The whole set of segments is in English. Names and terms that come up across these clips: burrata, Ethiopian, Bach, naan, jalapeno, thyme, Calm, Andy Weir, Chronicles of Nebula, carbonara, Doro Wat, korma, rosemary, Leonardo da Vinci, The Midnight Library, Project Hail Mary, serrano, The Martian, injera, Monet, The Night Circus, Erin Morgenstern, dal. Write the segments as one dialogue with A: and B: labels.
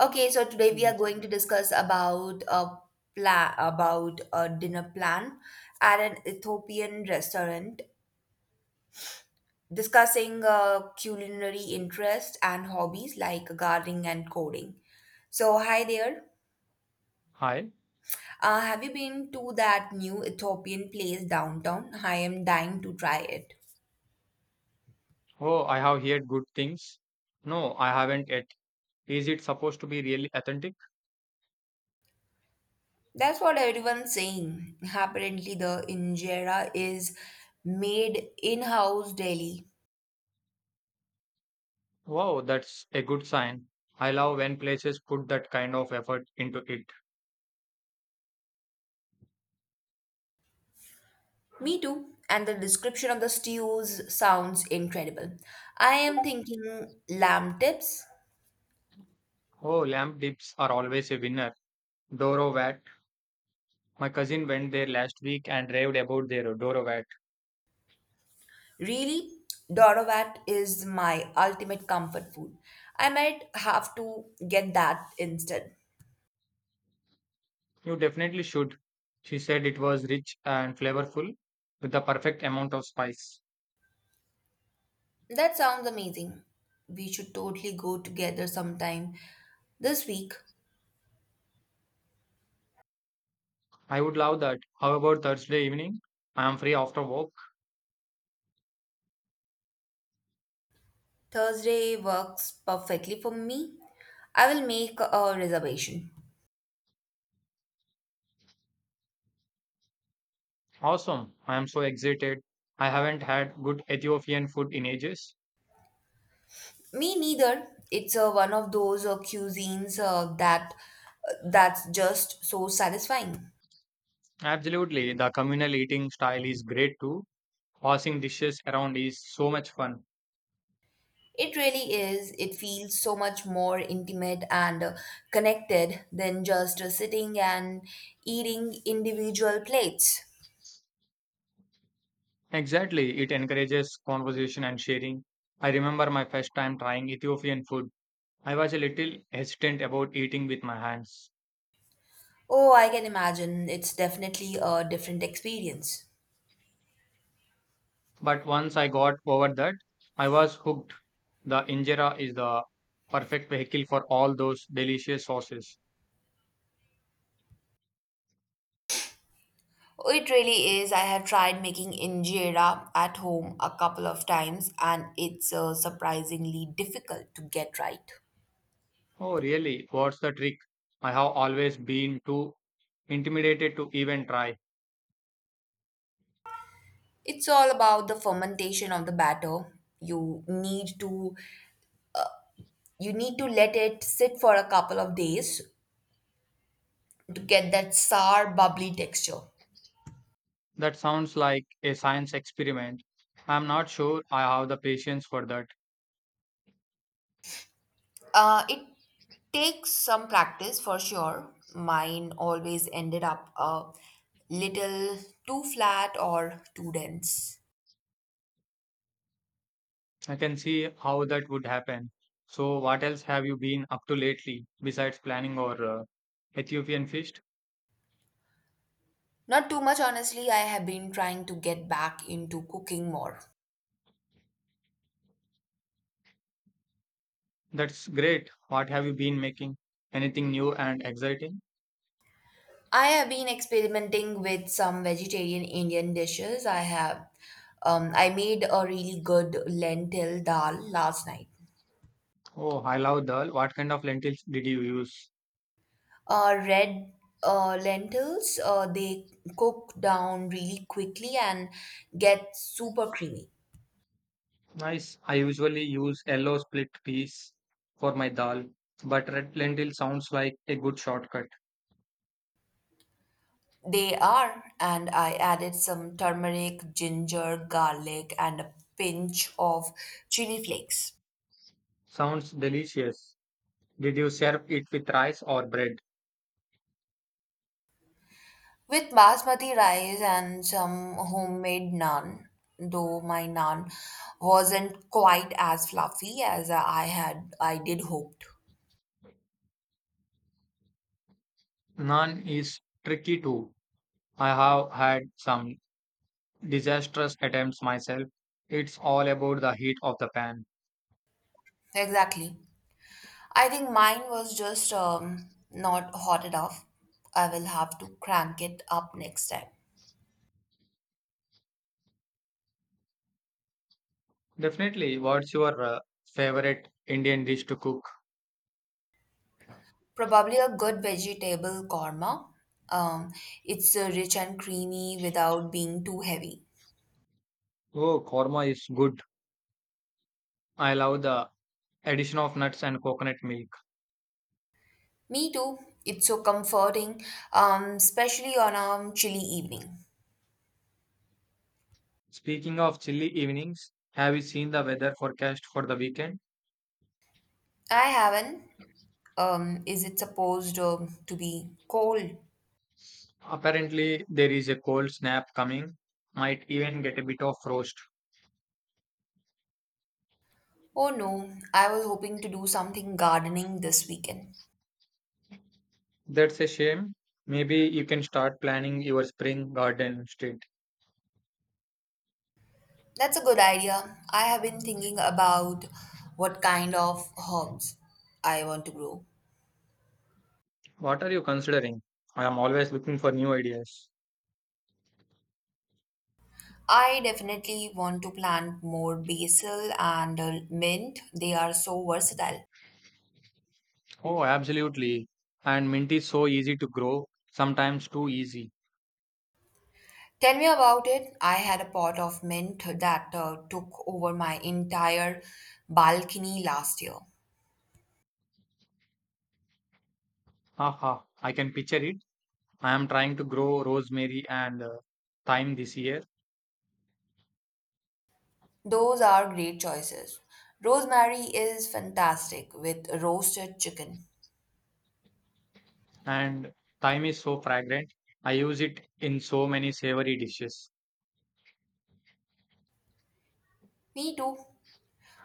A: Okay, so today we are
B: Yes.
A: going to discuss about a plan about a dinner plan at an Ethiopian restaurant, discussing culinary interests and hobbies like gardening and coding. So, hi there.
B: Hi.
A: Have you been to that new Ethiopian place downtown? I am dying to try it.
B: Oh, I have heard good things. No, I haven't yet. Is it supposed to be really authentic?
A: That's what everyone's saying. Apparently, the injera is made in house daily.
B: Wow, that's a good sign. I love when places put that kind of effort into it.
A: Me too. And the description of the stews sounds incredible. I am thinking lamb tips.
B: Oh, lamb dips are always a winner. Doro Wat. My cousin went there last week and raved about their Doro Wat.
A: Really, Dorovat is my ultimate comfort food. I might have to get that instead.
B: You definitely should. She said it was rich and flavorful with the perfect amount of spice.
A: That sounds amazing. We should totally go together sometime this week.
B: I would love that. How about Thursday evening? I am free after work.
A: Thursday works perfectly for me. I will make a reservation.
B: Awesome. I am so excited. I haven't had good Ethiopian food in ages.
A: Me neither. It's one of those cuisines that that's just so satisfying.
B: Absolutely. The communal eating style is great too. Passing dishes around is so much fun.
A: It really is. It feels so much more intimate and connected than just sitting and eating individual plates.
B: Exactly. It encourages conversation and sharing. I remember my first time trying Ethiopian food. I was a little hesitant about eating with my hands.
A: Oh, I can imagine. It's definitely a different experience.
B: But once I got over that, I was hooked. The injera is the perfect vehicle for all those delicious sauces.
A: Oh, it really is. I have tried making injera at home a couple of times and it's surprisingly difficult to get right.
B: Oh, really? What's the trick? I have always been too intimidated to even try.
A: It's all about the fermentation of the batter. You need to you need to let it sit for a couple of days to get that sour bubbly texture.
B: That sounds like a science experiment. I'm not sure I have the patience for that.
A: It takes some practice for sure. Mine always ended up a little too flat or too dense.
B: I can see how that would happen. So, what else have you been up to lately besides planning or Ethiopian feast?
A: Not too much, honestly. I have been trying to get back into cooking more.
B: That's great. What have you been making? Anything new and exciting?
A: I have been experimenting with some vegetarian Indian dishes. I made a really good lentil dal last night.
B: Oh, I love dal. What kind of lentils did you use?
A: Red lentils, they cook down really quickly and get super creamy.
B: Nice. I usually use yellow split peas for my dal, but red lentil sounds like a good shortcut.
A: They are, and I added some turmeric, ginger, garlic, and a pinch of chili flakes.
B: Sounds delicious. Did you serve it with rice or bread?
A: With basmati rice and some homemade naan, though my naan wasn't quite as fluffy as I had I did hoped.
B: Naan is tricky too. I have had some disastrous attempts myself. It's all about the heat of the pan.
A: Exactly. I think mine was just not hot enough. I will have to crank it up next time.
B: Definitely. What's your favorite Indian dish to cook?
A: Probably a good vegetable korma. Um, it's rich and creamy without being too heavy.
B: Oh, korma is good. I love the addition of nuts and coconut milk.
A: Me too. It's so comforting, especially on a chilly evening.
B: Speaking of chilly evenings, have you seen the weather forecast for the weekend?
A: I haven't. Is it supposed to be cold?
B: Apparently, there is a cold snap coming, might even get a bit of frost.
A: Oh no, I was hoping to do something gardening this weekend.
B: That's a shame. Maybe you can start planning your spring garden instead.
A: That's a good idea. I have been thinking about what kind of herbs I want to grow.
B: What are you considering? I am always looking for new ideas.
A: I definitely want to plant more basil and mint. They are so versatile.
B: Oh, absolutely. And mint is so easy to grow, sometimes too easy.
A: Tell me about it. I had a pot of mint that took over my entire balcony last year.
B: Haha, I can picture it. I am trying to grow rosemary and thyme this year.
A: Those are great choices. Rosemary is fantastic with roasted chicken.
B: And thyme is so fragrant. I use it in so many savory dishes.
A: Me too.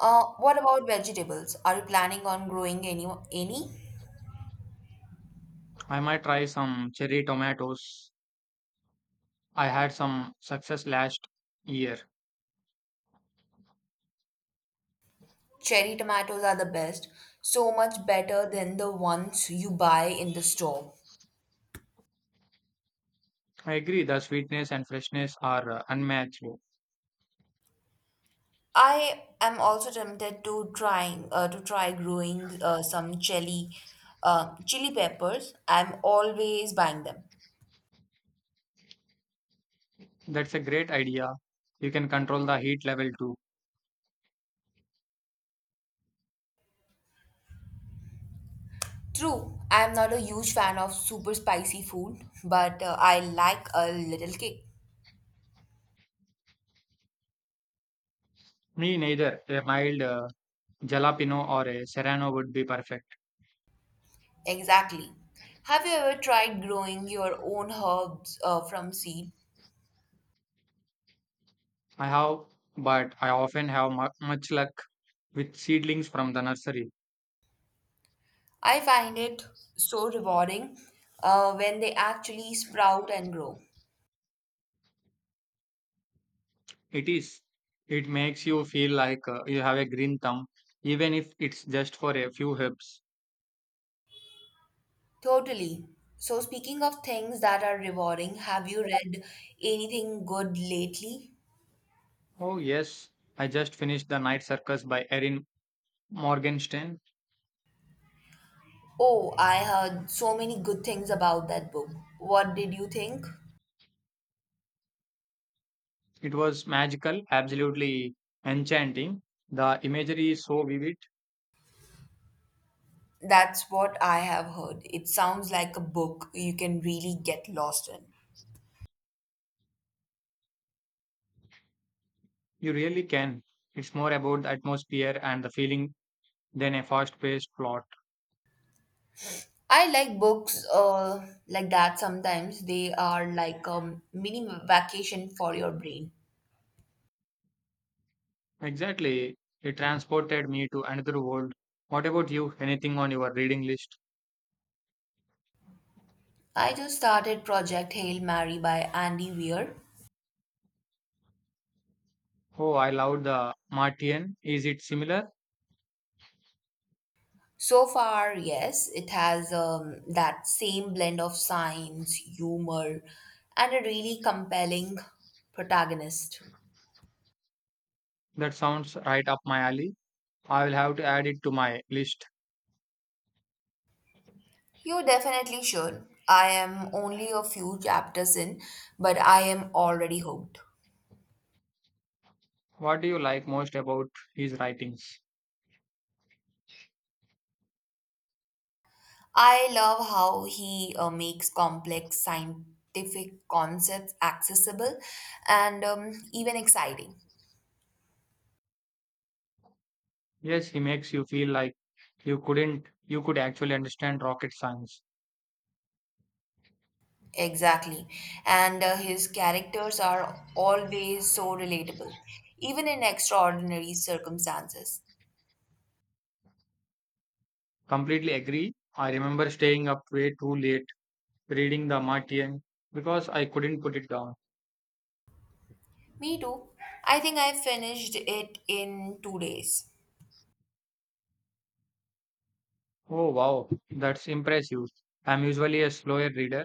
A: What about vegetables? Are you planning on growing any?
B: I might try some cherry tomatoes. I had some success last year.
A: Cherry tomatoes are the best, so much better than the ones you buy in the store.
B: I agree, the sweetness and freshness are unmatched.
A: I am also tempted to try growing some chili peppers. I'm always buying them.
B: That's a great idea. You can control the heat level too.
A: True, I'm not a huge fan of super spicy food, but I like a little kick.
B: Me neither. A mild jalapeno or a serrano would be perfect.
A: Exactly. Have you ever tried growing your own herbs from seed?
B: I have, but I often have much luck with seedlings from the nursery.
A: I find it so rewarding when they actually sprout and grow.
B: It is. It makes you feel like you have a green thumb, even if it's just for a few herbs.
A: Totally. So, speaking of things that are rewarding, have you read anything good lately?
B: Oh, yes. I just finished The Night Circus by Erin Morgenstern.
A: Oh, I heard so many good things about that book. What did you think?
B: It was magical, absolutely enchanting. The imagery is so vivid,
A: That's what I have heard. It sounds like a book you can really get lost in.
B: you really can. It's more about the atmosphere and the feeling than a fast paced plot.
A: I like books like that sometimes. They are like a mini vacation for your brain.
B: Exactly. It transported me to another world. What about you? Anything on your reading list?
A: I just started Project Hail Mary by Andy Weir.
B: Oh, I loved The Martian. Is it similar?
A: So far, yes, it has that same blend of science, humor, and a really compelling protagonist.
B: That sounds right up my alley. I will have to add it to my list.
A: You definitely should. I am only a few chapters in, but I am already hooked.
B: What do you like most about his writings?
A: I love how he makes complex scientific concepts accessible and even exciting.
B: Yes, he makes you feel like you couldn't, you could actually understand rocket science.
A: Exactly. And his characters are always so relatable, even in extraordinary circumstances.
B: Completely agree. I remember staying up way too late reading The Martian because I couldn't put it down.
A: Me too. I think I finished it in 2 days.
B: Oh wow, that's impressive. I'm usually a slower reader.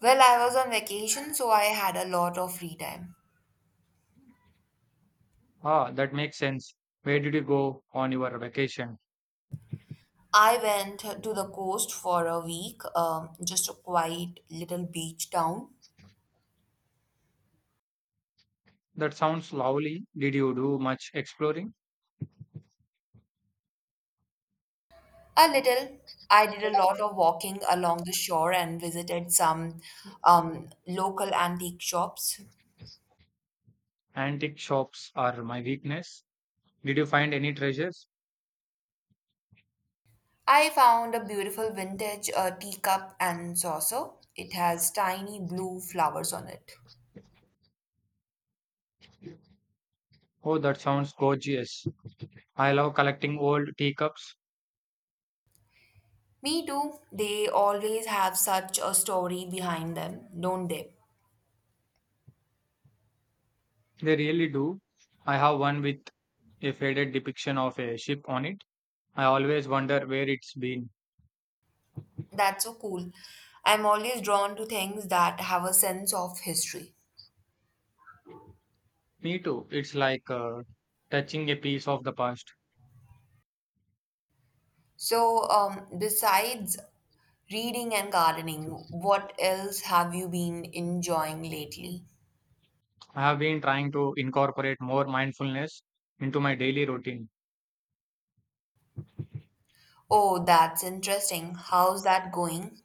A: Well, I was on vacation, so I had a lot of free time.
B: Ah, that makes sense. Where did you go on your vacation?
A: I went to the coast for a week, just a quiet little beach town.
B: That sounds lovely. Did you do much exploring?
A: A little. I did a lot of walking along the shore and visited some local antique shops.
B: Antique shops are my weakness. Did you find any treasures?
A: I found a beautiful vintage teacup and saucer. It has tiny blue flowers on it.
B: Oh, that sounds gorgeous. I love collecting old teacups.
A: Me too. They always have such a story behind them, don't they?
B: They really do. I have one with a faded depiction of a ship on it. I always wonder where it's been.
A: That's so cool. I'm always drawn to things that have a sense of history.
B: Me too. It's like touching a piece of the past.
A: So, besides reading and gardening, what else have you been enjoying lately?
B: I have been trying to incorporate more mindfulness into my daily routine.
A: Oh, that's interesting. How's that going?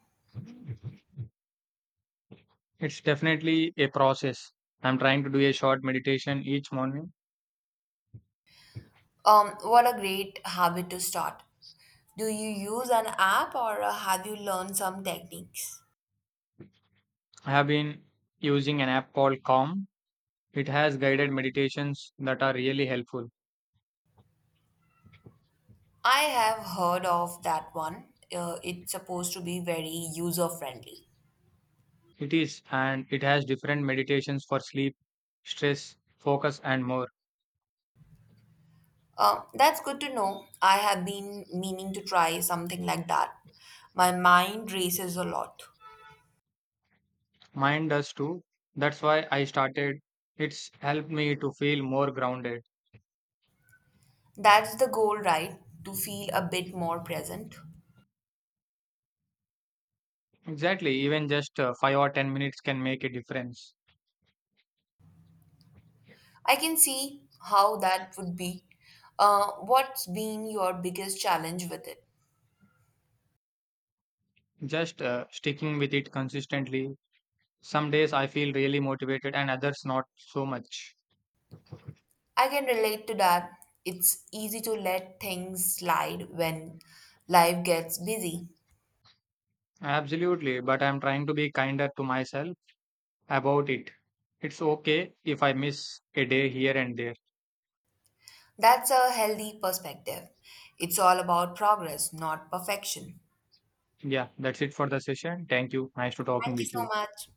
B: It's definitely a process. I'm trying to do a short meditation each morning.
A: What a great habit to start. Do you use an app or have you learned some techniques?
B: I have been using an app called Calm. It has guided meditations that are really helpful.
A: I have heard of that one. It's supposed to be very user friendly.
B: It is, and it has different meditations for sleep, stress, focus, and more.
A: That's good to know. I have been meaning to try something like that. My mind races a lot.
B: Mine does too. That's why I started. It's helped me to feel more grounded.
A: That's the goal, right? To feel a bit more present.
B: Exactly, even just 5 or 10 minutes can make a difference.
A: I can see how that would be. What's been your biggest challenge with it?
B: Just sticking with it consistently. Some days I feel really motivated, and others not so much.
A: I can relate to that. It's easy to let things slide when life gets busy.
B: Absolutely, but I'm trying to be kinder to myself about it. It's okay if I miss a day here and there.
A: That's a healthy perspective. It's all about progress, not perfection.
B: Yeah, that's it for the session. Thank you. Nice to talking
A: Thank you
B: with
A: so
B: you.
A: much.